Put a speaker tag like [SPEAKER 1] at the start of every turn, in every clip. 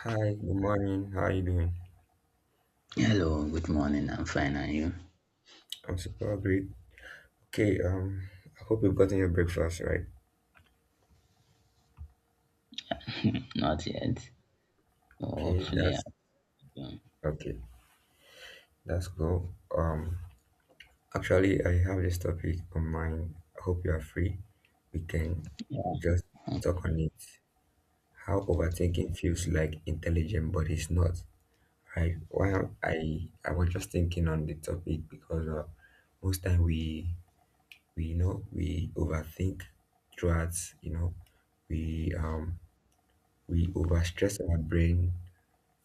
[SPEAKER 1] Hi, good morning. How are you doing?
[SPEAKER 2] Hello, good morning. I'm fine, and you?
[SPEAKER 1] I'm super great. Okay, um, I hope you've gotten your breakfast, right?
[SPEAKER 2] Not yet. Oh,
[SPEAKER 1] Okay,
[SPEAKER 2] hopefully,
[SPEAKER 1] that's
[SPEAKER 2] I'll be.
[SPEAKER 1] okay. That's cool. Actually, I have this topic on mind. I hope you are free. We can
[SPEAKER 2] Yeah.
[SPEAKER 1] just talk on it. How overthinking feels like intelligent, but it's not, right? Well, I was just thinking on the topic because most time we we overthink throughout. You know, we we overstress our brain,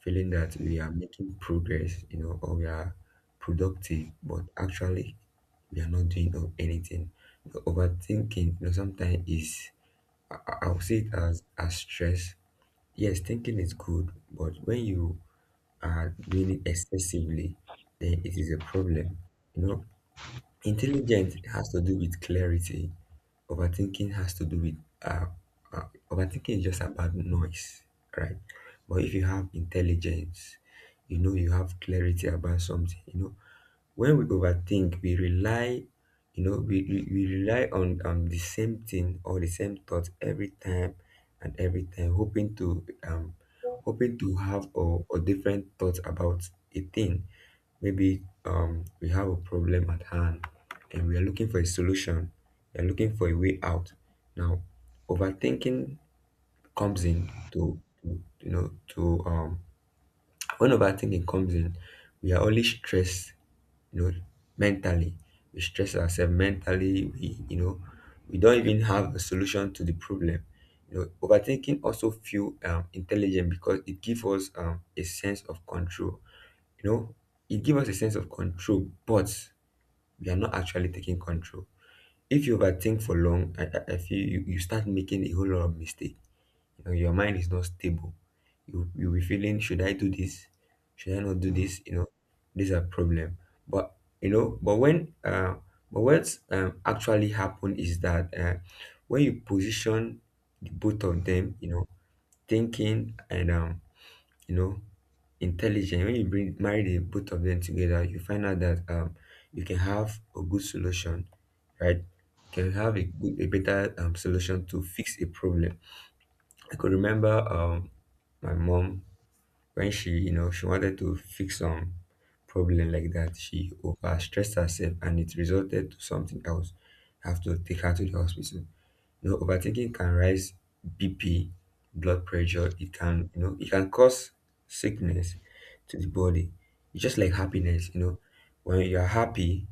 [SPEAKER 1] feeling that we are making progress, you know, or we are productive, but actually we are not doing of anything. You know, overthinking, you know, sometimes is I'll see it as stress. Yes, thinking is good, but when you are doing it excessively, then it is a problem. You know, intelligence has to do with clarity. Overthinking has to do with uh, overthinking is just about noise, right? But if you have intelligence, you know you have clarity about something. You know when we overthink, we rely, you know, we rely on the same thing or the same thought every time and every time, hoping to hoping to have or different thoughts about a thing. Maybe we have a problem at hand and we are looking for a solution. We are looking for a way out. Now, overthinking comes in to when overthinking comes in, we are only stressed, you know, mentally. We stress ourselves mentally. We we don't even have a solution to the problem. You know, overthinking also feel intelligent because it gives us a sense of control, you know, it gives us a sense of control, but we are not actually taking control. If you overthink for long, I feel you start making a whole lot of mistake. You know, your mind is not stable. You'll be feeling should I do this, should I not do this, you know, these are problem, but. You know but when But what's actually happened is that when you position the both of them, you know, thinking and you know intelligent, when you bring marry the both of them together, you find out that you can have a good solution, right? You can have a better solution to fix a problem. I could remember my mom, when she, you know, she wanted to fix some problem like that, she over stressed herself and it resulted to something else. Have to take her to the hospital. You know, overthinking can raise BP, blood pressure. It can, you know, it can cause sickness to the body. It's just like happiness, you know, when you're happy,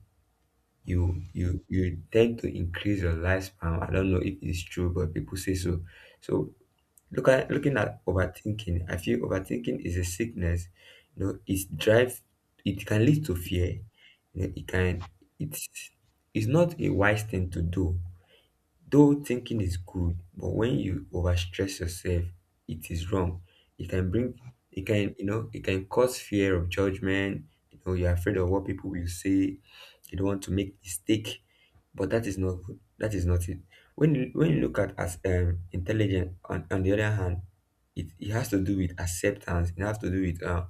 [SPEAKER 1] you tend to increase your lifespan. I don't know if it's true, but people say so. So looking at overthinking, I feel overthinking is a sickness. you know it's drive it can lead to fear. You know, it can, it's it's not a wise thing to do. Though thinking is good, but when you overstress yourself, it is wrong. It can bring, it can, you know, it can cause fear of judgment. You know, you're afraid of what people will say. You don't want to make mistake, but that is not good. That is not it. When you look at as intelligent, on the other hand, it has to do with acceptance. It has to do with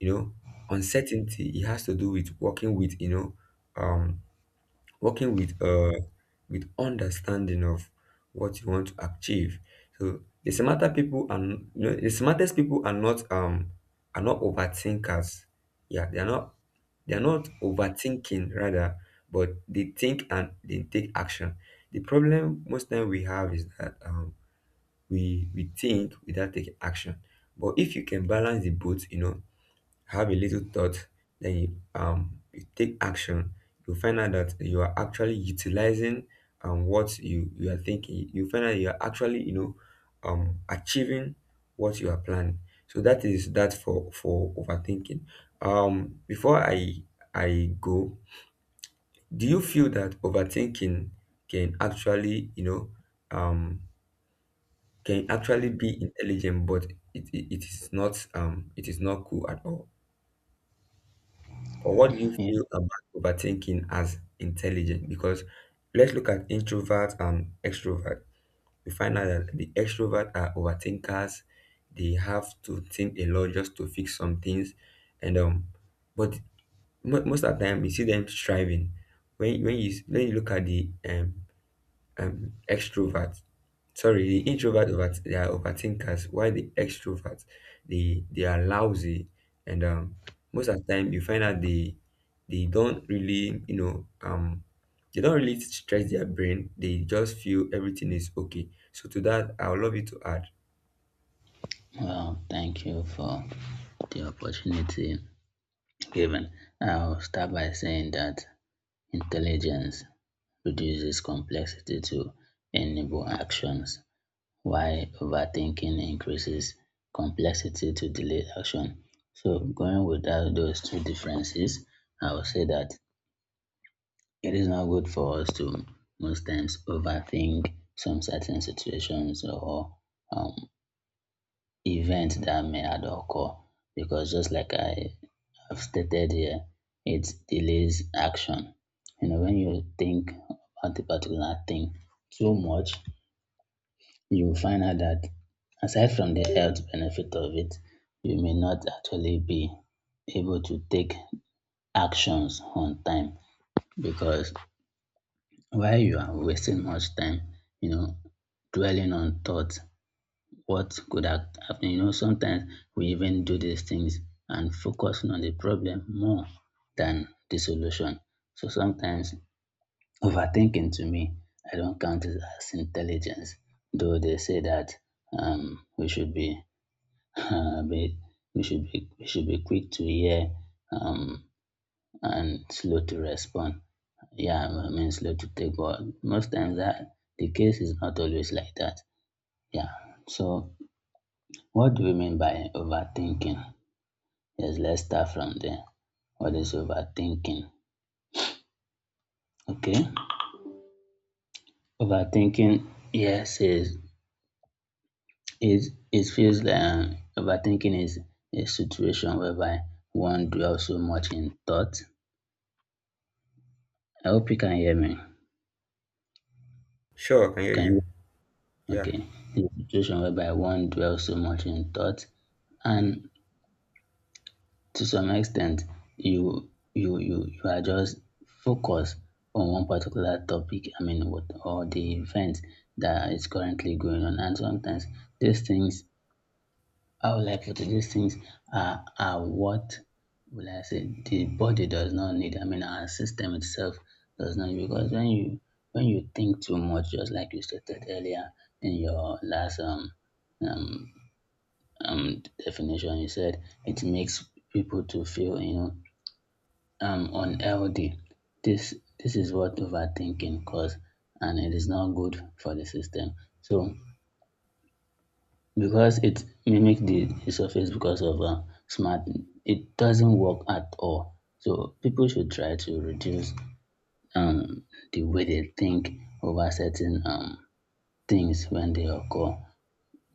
[SPEAKER 1] you know, uncertainty. It has to do with working with, you know, um, working with understanding of what you want to achieve. So the smarter people, and you know, the smartest people are not overthinkers. Yeah, they are not. They are not overthinking rather, but they think and they take action. The problem most time we have is that we think without taking action. But if you can balance the both, you know, have a little thought, then you you take action, you find out that you are actually utilizing what you are thinking. You find out you are actually, you know, achieving what you are planning. So that is that for overthinking. Before I go, do you feel that overthinking can actually, you know, um can actually be intelligent, but it is not it is not cool at all? Or what do you
[SPEAKER 2] Okay.
[SPEAKER 1] feel about overthinking as intelligent? Because let's look at introvert and extrovert. We find out that the extrovert are overthinkers. They have to think a lot just to fix some things, and but most of the time you see them striving. When you look at the extrovert, sorry, the introvert, over they are overthinkers, while the extrovert, they are lousy, and most of the time you find out they don't really, you know, they don't really stress their brain. They just feel everything is okay. So to that, I would love you to add.
[SPEAKER 2] Well, thank you for the opportunity given. I'll start by saying that intelligence reduces complexity to enable actions, while overthinking increases complexity to delay action. So, going without those two differences, I would say that it is not good for us to most times overthink some certain situations or um, events that may have occur, because just like I have stated here, it delays action. You know, when you think about a particular thing too much, you will find out that aside from the health benefit of it, you may not actually be able to take actions on time, because while you are wasting much time, you know, dwelling on thoughts, what could have happened, you know, sometimes we even do these things and focusing on the problem more than the solution. So sometimes overthinking, to me, I don't count it as intelligence, though they say that we should be, be we should be we should be quick to hear um, and slow to respond. Yeah, I mean slow to take, but most times that the case is not always like that. Yeah. So what do we mean by overthinking? Yes, let's start from there. What is overthinking? Okay. Overthinking, yes, is it feels like overthinking is a situation whereby one dwells so much in thought. I hope you can hear me.
[SPEAKER 1] Sure, I can hear
[SPEAKER 2] Can
[SPEAKER 1] you.
[SPEAKER 2] you?
[SPEAKER 1] Yeah.
[SPEAKER 2] Okay, the situation whereby one dwells so much in thought, and to some extent, you are just focused on one particular topic. I mean, what or the event that is currently going on, and sometimes these things, I would like for these things are, what will I say the body does not need. I mean, our system itself does not need, because when you think too much, just like you stated earlier in your last um, definition, you said it makes people to feel, unhealthy. This this is what overthinking cause, and it is not good for the system. So because it mimics the surface because of smart, it doesn't work at all, so people should try to reduce um, the way they think over certain things when they occur,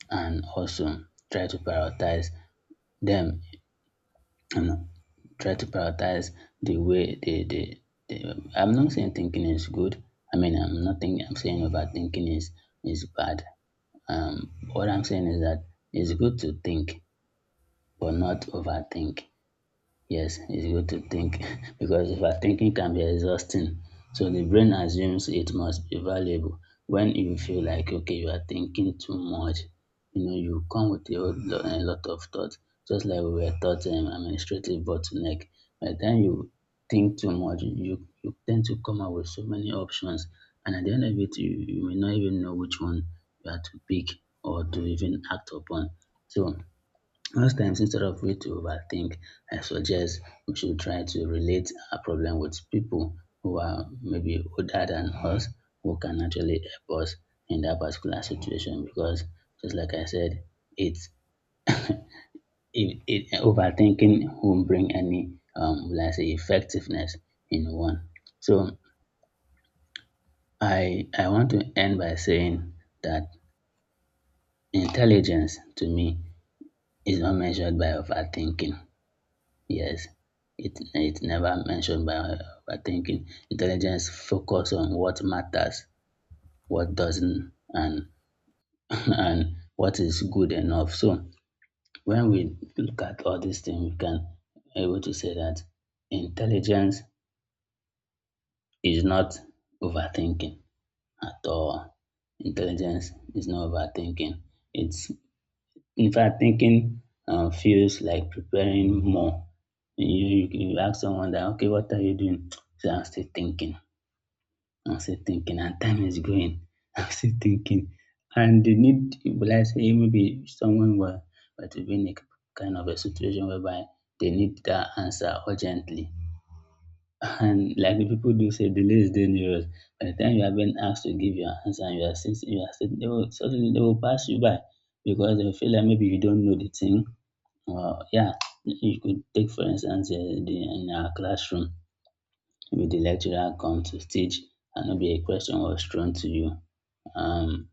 [SPEAKER 2] and also try to prioritize them, and try to prioritize the way they I'm not saying thinking is good. I mean, I'm not thinking, I'm saying overthinking is bad. What I'm saying is that it's good to think but not overthink. Yes, it's good to think because overthinking can be exhausting. So the brain assumes it must be valuable. When you feel like okay, you are thinking too much, you know, you come with a whole a lot of thoughts. Just like we were taught, administrative bottleneck. By the time you think too much, you tend to come up with so many options, and at the end of it, you may not even know which one you are to pick or to even act upon. So most times, instead of we to overthink, I suggest we should try to relate our problem with people who are maybe older than us, who can actually help us in that particular situation. Because just like I said, it's it, it overthinking won't bring any, will I say, effectiveness in one. So I want to end by saying that intelligence, to me, is not measured by overthinking. Yes, it never mentioned by overthinking. Intelligence focus on what matters, what doesn't, and and what is good enough. So when we look at all these things, we can able to say that intelligence is not overthinking at all. Intelligence is not overthinking. It's In fact, thinking, feels like preparing more. You ask someone that, okay, what are you doing? So I'm still thinking. I'm still thinking, and time is going. I'm still thinking. And the need, will I say, maybe someone will, but will be in a kind of a situation whereby they need that answer urgently. And like the people do say, delay is dangerous. By the time you have been asked to give your answer, and you are still, they will, suddenly they will pass you by because they will feel like maybe you don't know the thing. Yeah, you could take for instance, in our classroom, maybe the lecturer comes to teach, and maybe a question was thrown to you. Um,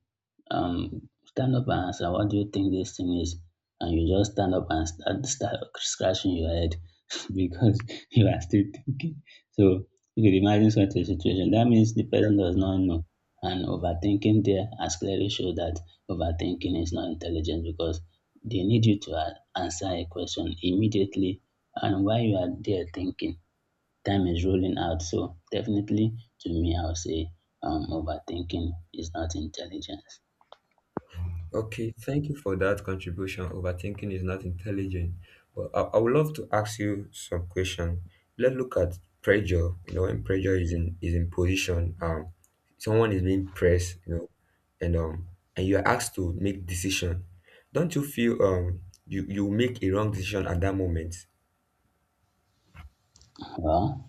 [SPEAKER 2] Stand up and answer, what do you think this thing is? And you just stand up and start scratching your head because you are still thinking. So you could imagine such a situation. That means the person does not know. And overthinking there has clearly showed that overthinking is not intelligent because they need you to answer a question immediately. And while you are there thinking, time is rolling out. So definitely, to me, I would say overthinking is not intelligence.
[SPEAKER 1] Okay, thank you for that contribution. Overthinking is not intelligent. But I would love to ask you some question. Let's look at pressure. You know, when pressure is in position, someone is being pressed. You know, and um, and you are asked to make decision. Don't you feel you make a wrong decision at that moment?
[SPEAKER 2] Well,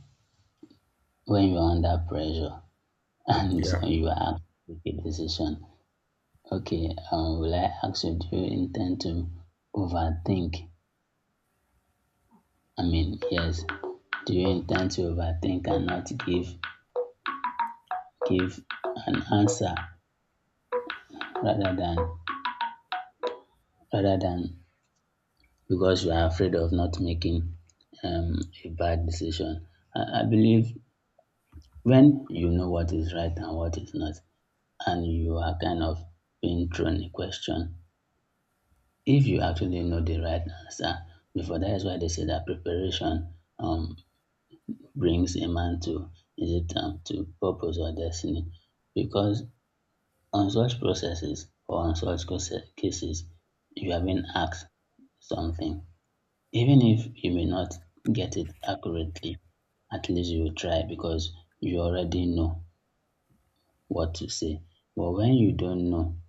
[SPEAKER 2] when you are under pressure and
[SPEAKER 1] Yeah.
[SPEAKER 2] you are asked to make a decision, okay, will I ask you, do you intend to overthink? I mean, yes. Do you intend to overthink and not give an answer, rather than rather than because you are afraid of not making a bad decision? I believe when you know what is right and what is not, and you are kind of being thrown a question, if you actually know the right answer before, that is why they say that preparation, um, brings a man to, is it to purpose or destiny. Because on such processes, or on such cases, you have been asked something, even if you may not get it accurately, at least you will try because you already know what to say. But when you don't know,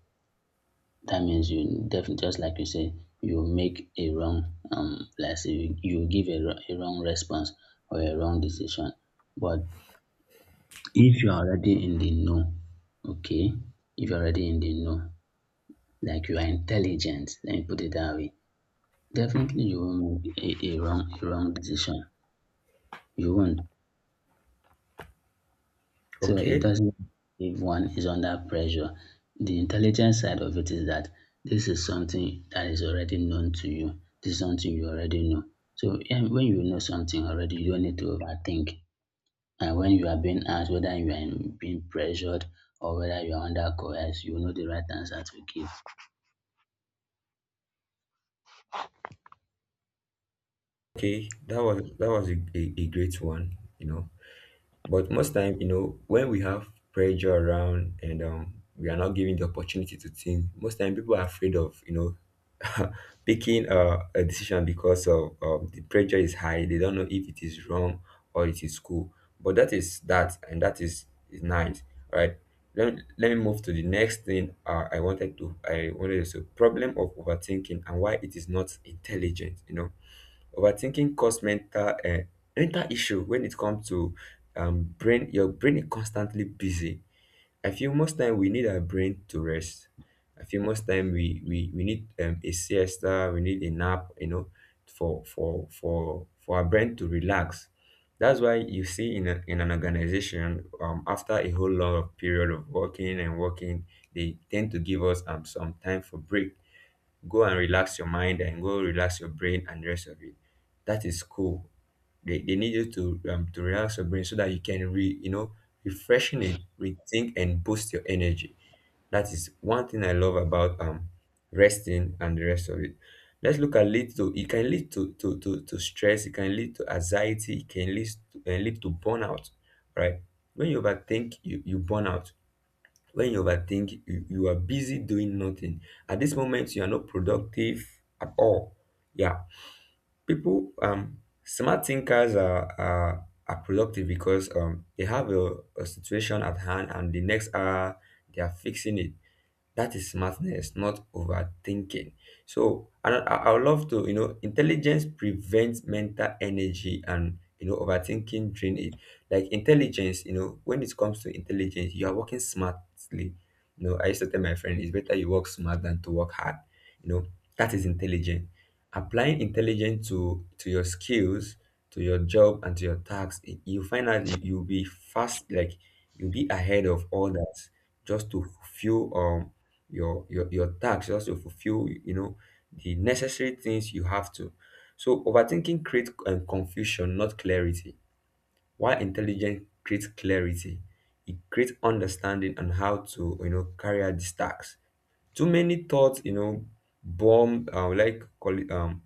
[SPEAKER 2] that means you definitely, just like you say, you make a wrong, let's say, you give a wrong response or a wrong decision. But if you are already in the know, okay, if you're already in the know, like you are intelligent, let me put it that way, definitely you won't make a wrong decision. You won't. So it
[SPEAKER 1] Okay.
[SPEAKER 2] doesn't if one is under pressure. The intelligent side of it is that this is something that is already known to you. This is something you already know. So when you know something already, you don't need to overthink. And when you are being asked whether you are being pressured, or whether you are under coerced, you know the right answer to give.
[SPEAKER 1] Okay. That was a great one. You know. But most time, you know, when we have pressure around and we are not given the opportunity to think, most time people are afraid of, you know, picking a decision because of the pressure is high. They don't know if it is wrong or it is cool. But that is that, and that is nice, right? Let me move to the next thing, I wanted to say problem of overthinking and why it is not intelligent. You know, overthinking cause mental issue when it comes to brain. Your brain is constantly busy. I feel most time we need our brain to rest. I feel most time we need a siesta, we need a nap, you know, for our brain to relax. That's why you see in an organization, after a whole long of period of working and working, they tend to give us some time for break. Go and relax your mind and go relax your brain and the rest of it. That is cool. They need you to relax your brain so that you can re you know refreshen it, rethink and boost your energy. That is one thing I love about resting and the rest of it. Let's look at lead to it can lead to stress, it can lead to anxiety, it can lead to lead to burnout, right? When you overthink, you burn out. When you overthink, you are busy doing nothing. At this moment, you are not productive at all. Yeah, people, smart thinkers are productive because they have a situation at hand, and the next hour they are fixing it. That is smartness, not overthinking. So, and I would love to, you know, intelligence prevents mental energy and, you know, overthinking drain it. Like intelligence, you know, when it comes to intelligence, you are working smartly. You know, I used to tell my friend, it's better you work smart than to work hard. You know, that is intelligent. Applying intelligence to your skills, to your job, and to your tasks, you find out you'll be fast, like you'll be ahead of all that just to fulfill your task, just to fulfill, you know, the necessary things you have to. So overthinking creates confusion, not clarity, while intelligence creates clarity. It creates understanding on how to, you know, carry out these tasks. Too many thoughts, you know, bomb like call it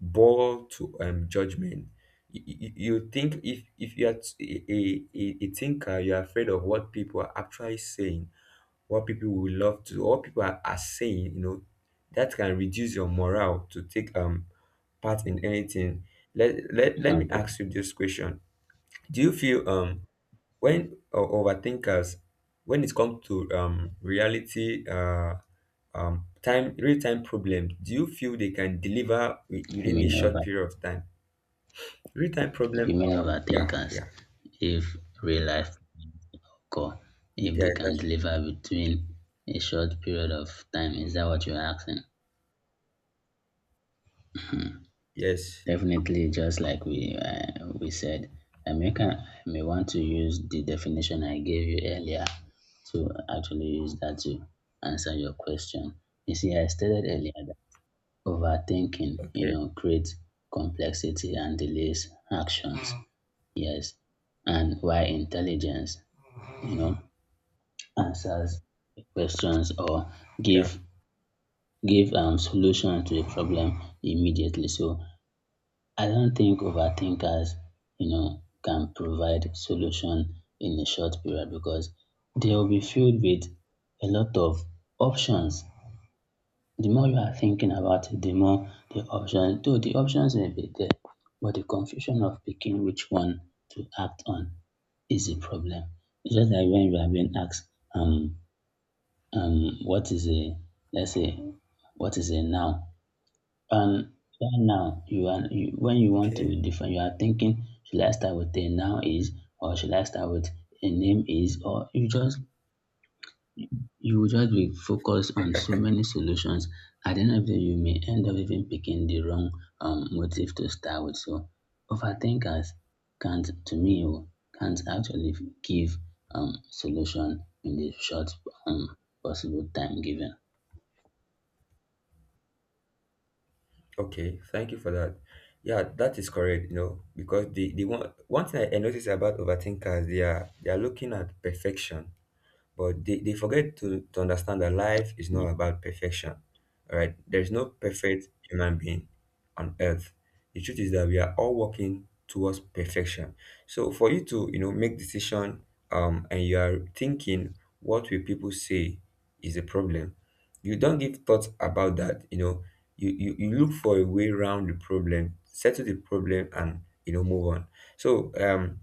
[SPEAKER 1] ball to judgment. You think, if you are a a thinker, you're afraid of what people are actually saying, what people will love to, what people are saying. You know, that can reduce your morale to take part in anything. Let me
[SPEAKER 2] Okay.
[SPEAKER 1] ask you this question. Do you feel when overthinkers, when it comes to reality, time, real time problem, do you feel they can deliver within a
[SPEAKER 2] Human over
[SPEAKER 1] short period of time? Real time problem.
[SPEAKER 2] Human
[SPEAKER 1] Yeah,
[SPEAKER 2] overthinkers,
[SPEAKER 1] yeah.
[SPEAKER 2] if real life occur, if
[SPEAKER 1] Yeah,
[SPEAKER 2] they can
[SPEAKER 1] that's true.
[SPEAKER 2] deliver between a short period of time, is that what you're asking?
[SPEAKER 1] Yes.
[SPEAKER 2] Definitely, just like we said, I may want to use the definition I gave you earlier to actually use that to answer your question. You see, I stated earlier that overthinking, you
[SPEAKER 1] Okay.
[SPEAKER 2] know, creates complexity and delays actions. Mm. Yes. And why intelligence, you know, answers questions or
[SPEAKER 1] Yeah.
[SPEAKER 2] give give solution to the problem immediately. So I don't think overthinkers, you know, can provide solution in a short period, because they'll be filled with a lot of options. The more you are thinking about it, the more the options, though the options may be there, but the confusion of picking which one to act on is a problem. It's just like when you are being asked, what is a, let's say, what is a noun? Um, that noun, when you want
[SPEAKER 1] Okay.
[SPEAKER 2] to define, you are thinking, should I start with a noun is, or should I start with a name is, or you will just be focused on so many solutions. At the end of the day, you may end up even picking the wrong, motive to start with. So overthinkers can't, to me, oh, can't actually give, solution in the short, um, possible time given.
[SPEAKER 1] Okay, thank you for that. Yeah, that is correct, you know, because the one thing I notice about overthinkers, they are looking at perfection. But they forget to understand that life is
[SPEAKER 2] Yeah,
[SPEAKER 1] not about perfection. All right. There is no perfect human being on earth. The truth is that we are all working towards perfection. So for you to, you know, make decision and you are thinking what will people say is a problem. You don't give thoughts about that, you know. You look for a way around the problem, settle the problem, and you know move on. So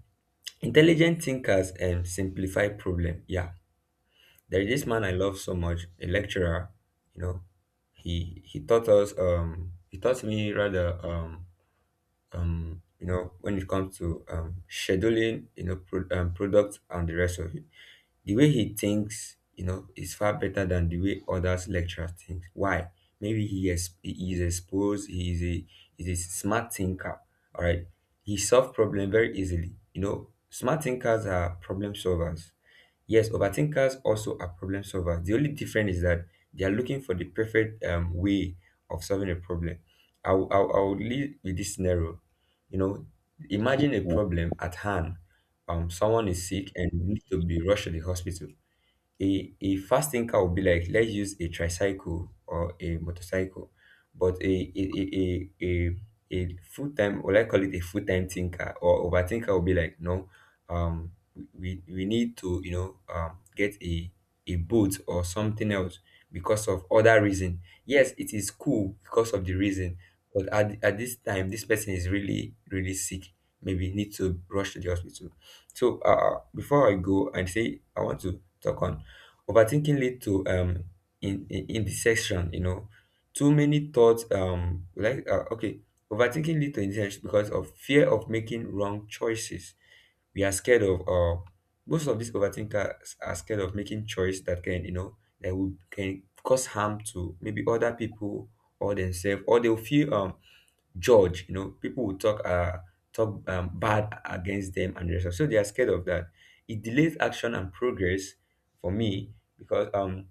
[SPEAKER 1] intelligent thinkers simplify problem. Yeah, there's this man I love so much, a lecturer, you know, he taught us he taught me rather you know, when it comes to scheduling, you know, product and the rest of it. The way he thinks, you know, is far better than the way others lecturers think. Why? Maybe he is exposed. He is a smart thinker. All right, he solves problem very easily. You know, smart thinkers are problem solvers. Yes, overthinkers also are problem solvers. The only difference is that they are looking for the perfect way of solving a problem. I'll lead with this scenario. You know, imagine a problem at hand. Someone is sick and need to be rushed to the hospital. A fast thinker will be like, let's use a tricycle or a motorcycle. But a full-time, or I call it a full-time thinker or overthinker, will be like, no, um we need to, you know, get a boat or something else because of other reason. Yes, it is cool because of the reason, but at this time this person is really sick, maybe need to rush to the hospital. So before I go and say I want to talk on overthinking lead to in indecision, you know. Too many thoughts like okay, overthinking lead to indecision because of fear of making wrong choices. We are scared of most of these overthinkers are scared of making choice that can, you know, that will can cause harm to maybe other people or themselves, or they'll feel judge. You know, people will talk bad against them and the rest of. So they are scared of that. It delays action and progress for me because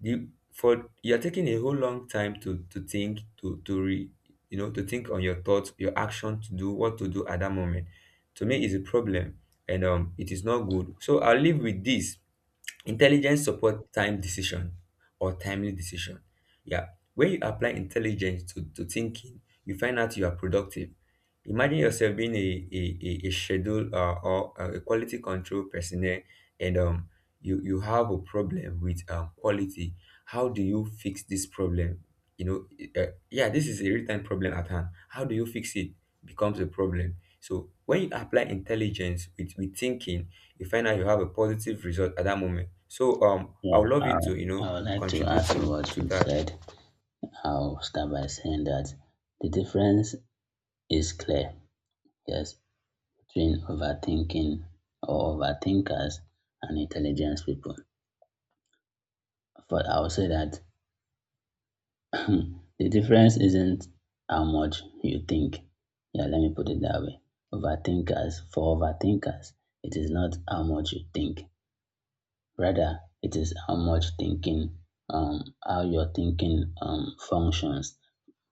[SPEAKER 1] the for you're taking a whole long time to think to re you know to think on your thoughts, your action to do what to do at that moment. To me, is a problem, and it is not good. So I'll leave with this. Intelligence support time decision, or timely decision. Yeah. When you apply intelligence to thinking, you find out you are productive. Imagine yourself being a, schedule or a quality control personnel, and you have a problem with quality. How do you fix this problem? You know, yeah, this is a real time problem at hand. How do you fix it becomes a problem. So when you apply intelligence with thinking, you find out you have a positive result at that moment. So I
[SPEAKER 2] yeah,
[SPEAKER 1] would love you
[SPEAKER 2] I,
[SPEAKER 1] to, you know,
[SPEAKER 2] I would like to
[SPEAKER 1] contribute
[SPEAKER 2] add to
[SPEAKER 1] to
[SPEAKER 2] what
[SPEAKER 1] to
[SPEAKER 2] you've
[SPEAKER 1] that.
[SPEAKER 2] said. I'll start by saying that the difference is clear. Yes, between overthinking or overthinkers and intelligent people. But I would say that the difference isn't how much you think. Yeah, let me put it that way. Overthinkers, for overthinkers, it is not how much you think. Rather, it is how much thinking, how your thinking functions.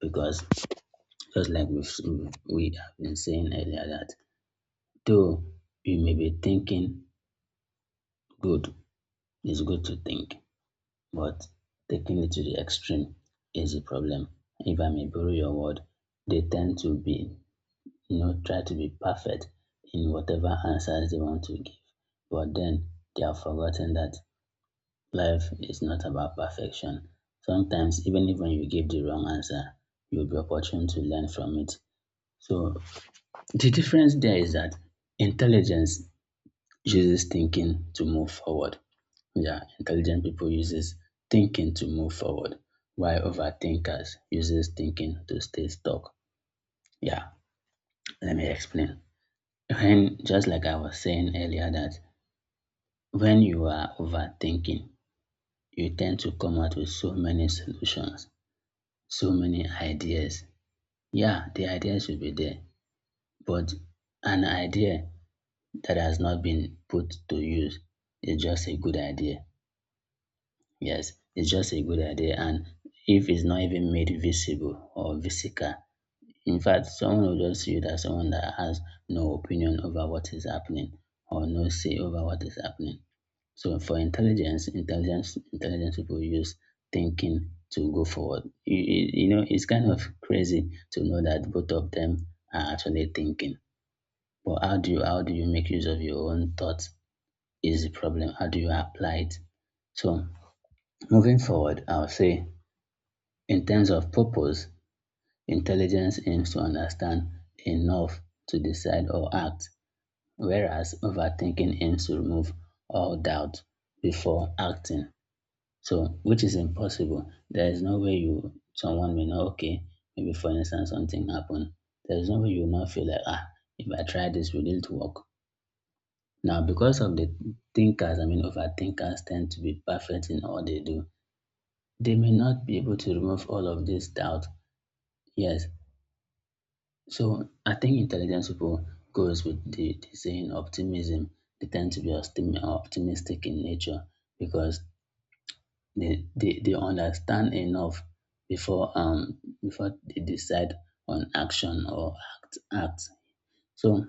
[SPEAKER 2] Because just like we have been saying earlier that though you may be thinking good, it's good to think. But taking it to the extreme is a problem. If I may borrow your word, they tend to be, try to be perfect in whatever answers they want to give. But then they have forgotten that life is not about perfection. Sometimes, even if when you give the wrong answer, you'll be opportune to learn from it. So the difference there is that intelligence uses thinking to move forward, yeah, intelligent people uses thinking to move forward, while overthinkers uses thinking to stay stuck. Yeah, let me explain. When just like I was saying earlier that when you are overthinking, you tend to come out with so many solutions, so many ideas. Yeah, the ideas will be there, but an idea that has not been put to use is just a good idea. Yes, it's just a good idea. And if it's not even made visible or visible, in fact, someone will just see you that someone that has no opinion over what is happening or no say over what is happening. So for intelligence, intelligence people use thinking to go forward. You know, it's kind of crazy to know that both of them are actually thinking. But how do you make use of your own thoughts is the problem. How do you apply it? So moving forward, I'll say in terms of purpose, intelligence aims to understand enough to decide or act, whereas overthinking aims to remove all doubt before acting. So, which is impossible. There is no way you someone may know, okay, maybe for instance something happened. There is no way you will not feel like ah, if I try this, will it work? Now, because of the thinkers, I mean overthinkers tend to be perfect in all they do. They may not be able to remove all of this doubt. Yes, so I think intelligent people goes with the saying optimism. They tend to be optimistic in nature because they understand enough before before they decide on action or act. So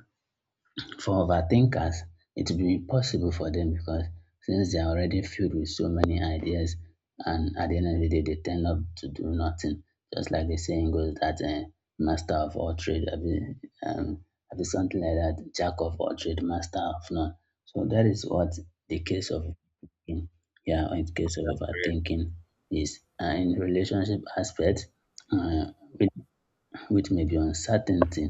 [SPEAKER 2] for overthinkers, it will be possible for them because since they are already filled with so many ideas and at the end of the day they tend up to do nothing. Just like the saying goes that master of all trade, I mean something like that, jack of all trade, master of none. So that is what the case of in- yeah in case of overthinking is in relationship aspect uh, which, which may be uncertainty.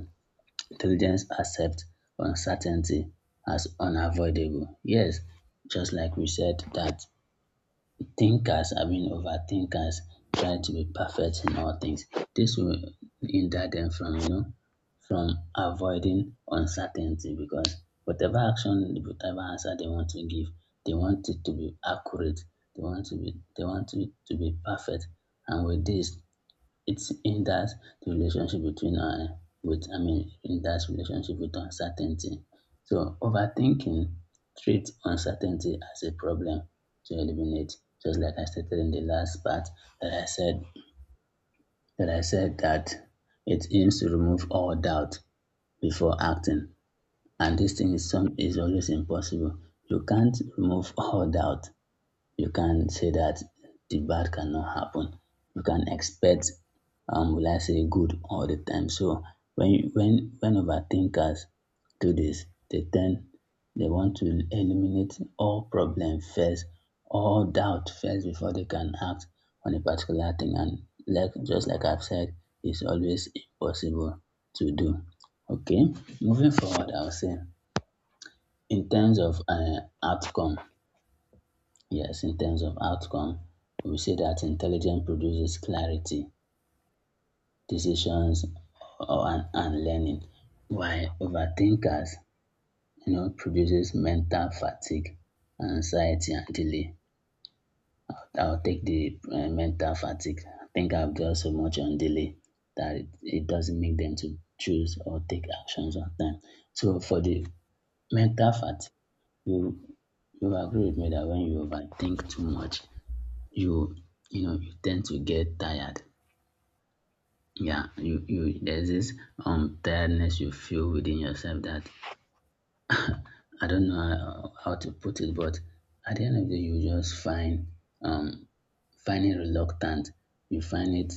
[SPEAKER 2] Intelligence accepts uncertainty as unavoidable. Yes, just like we said that thinkers, I mean overthinkers, try to be perfect in all things. This will hinder them from you know from avoiding uncertainty because whatever action, whatever answer they want to give, they want it to be accurate. They want it to be perfect. And with this, it's in that the relationship between with I mean in that relationship with uncertainty. So overthinking treats uncertainty as a problem to eliminate. Just like I stated in the last part that I said that it aims to remove all doubt before acting. And this thing is some is always impossible. You can't remove all doubt, you can say that the bad cannot happen. You can expect will I say good all the time. So when you, when overthinkers do this, they tend they want to eliminate all problem first, all doubt first before they can act on a particular thing. And like just like I've said, it's always impossible to do. Okay, moving forward, I'll say in terms of outcome. Yes, in terms of outcome, we say that intelligence produces clarity, decisions, and learning, while overthinkers, you know, produces mental fatigue, anxiety, and delay. I'll take the mental fatigue. I think I've dwelt so much on delay that it doesn't make them to choose or take actions on time. So for the mental fatigue, you you agree with me that when you overthink too much, you you know you tend to get tired. Yeah, you there's this tiredness you feel within yourself that I don't know how to put it, but at the end of the day you just find um find it reluctant, you find it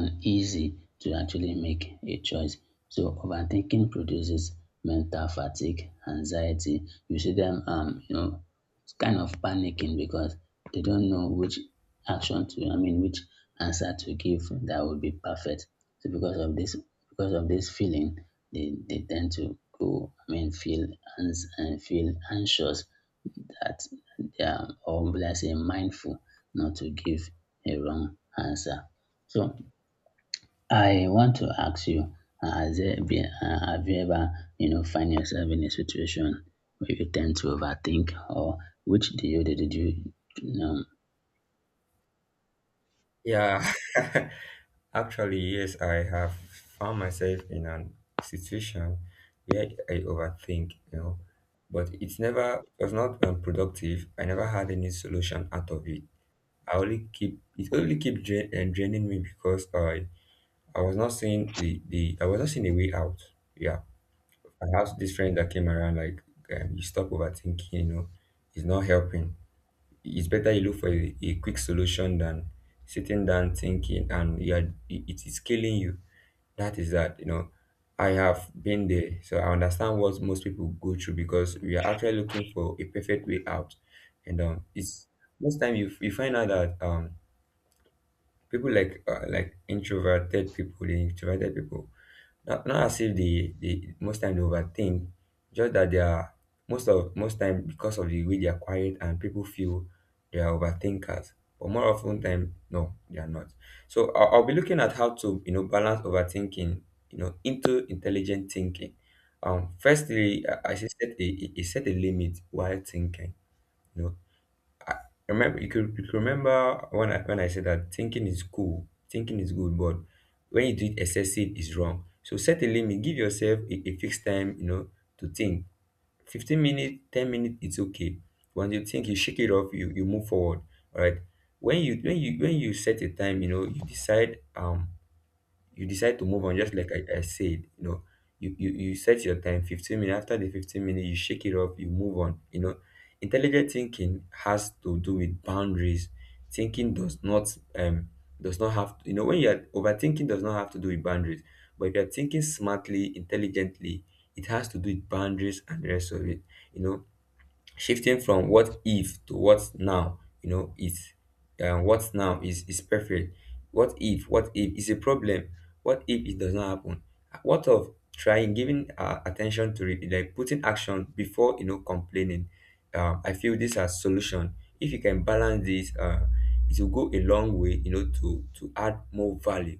[SPEAKER 2] uneasy to actually make a choice. So overthinking produces mental fatigue, anxiety. You see them, you know, it's kind of panicking because they don't know which action to, I mean, which answer to give that would be perfect. So because of this feeling, they tend to feel and feel anxious that they are, or let's say, mindful not to give a wrong answer. So I want to ask you, have you ever, you know, find yourself in a situation where you tend to overthink, or which do you did you, you know,
[SPEAKER 1] Yeah. Actually, yes, I have found myself in a situation where I overthink, you know, but it's never, it was not productive. I never had any solution out of it. I only keep it, only really keep drain, draining me, because I was not seeing the I was not seeing a way out. Yeah, I have this friend that came around, like, you stop overthinking. You know, it's not helping. It's better you look for a quick solution than sitting down thinking, and you are, it is killing you. That is that. You know, I have been there, so I understand what most people go through, because we are actually looking for a perfect way out, and it's most time you you find out that people like introverted people, the introverted people, not as if they most time they overthink, just that they are most of most time, because of the way they are quiet, and people feel they are overthinkers. But more often time, no, they are not. So I'll be looking at how to, you know, balance overthinking, you know, into intelligent thinking. Firstly, I should set set a limit while thinking. You know, remember, you could remember when I said that thinking is cool, thinking is good, but when you do it excessive is wrong. So set a limit. Give yourself a fixed time, you know, to think. 15 minutes, 10 minutes, it's okay. When you think, you shake it off. You move forward. All right. When you set a time, you know, you decide. You decide to move on. Just like I said, you know, you set your time 15 minutes. After the 15 minutes, you shake it off, you move on. You know, intelligent thinking has to do with boundaries. Thinking does not have to, you know, when you're overthinking does not have to do with boundaries. But if you're thinking smartly, intelligently, it has to do with boundaries and the rest of it, you know. Shifting from what if to what now, you know, is what now is perfect. What if, what if is a problem. What if it does not happen? What of trying, giving attention to it, like putting action before, you know, complaining. I feel this as solution. If you can balance this, it will go a long way, you know, to add more value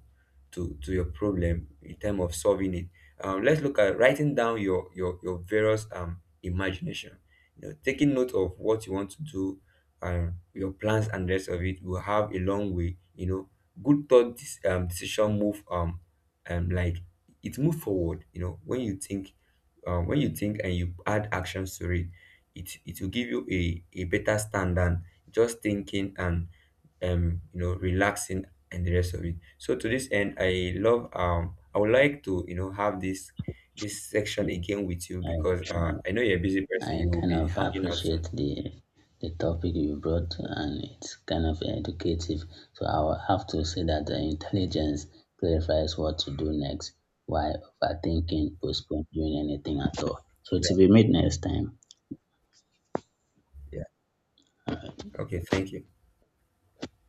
[SPEAKER 1] to your problem in terms of solving it. Let's look at writing down your your various imagination, you know, taking note of what you want to do, your plans and the rest of it, will have a long way, you know. Good thought, decision, move like, it move forward, you know. When you think, when you think and you add actions to it, it will give you a better stand than just thinking and you know relaxing and the rest of it. So to this end, I love, I would like to, you know, have this this section again with you,
[SPEAKER 2] I,
[SPEAKER 1] because I know you're a busy person.
[SPEAKER 2] I
[SPEAKER 1] You will
[SPEAKER 2] kind
[SPEAKER 1] be
[SPEAKER 2] of
[SPEAKER 1] hanging out soon.
[SPEAKER 2] appreciate the topic you brought, and it's kind of educative. So I will have to say that the intelligence clarifies what to do next, while overthinking postpones doing anything at all. So
[SPEAKER 1] Yeah.
[SPEAKER 2] to be made next time.
[SPEAKER 1] Yeah.
[SPEAKER 2] uh,
[SPEAKER 1] Okay. Thank you.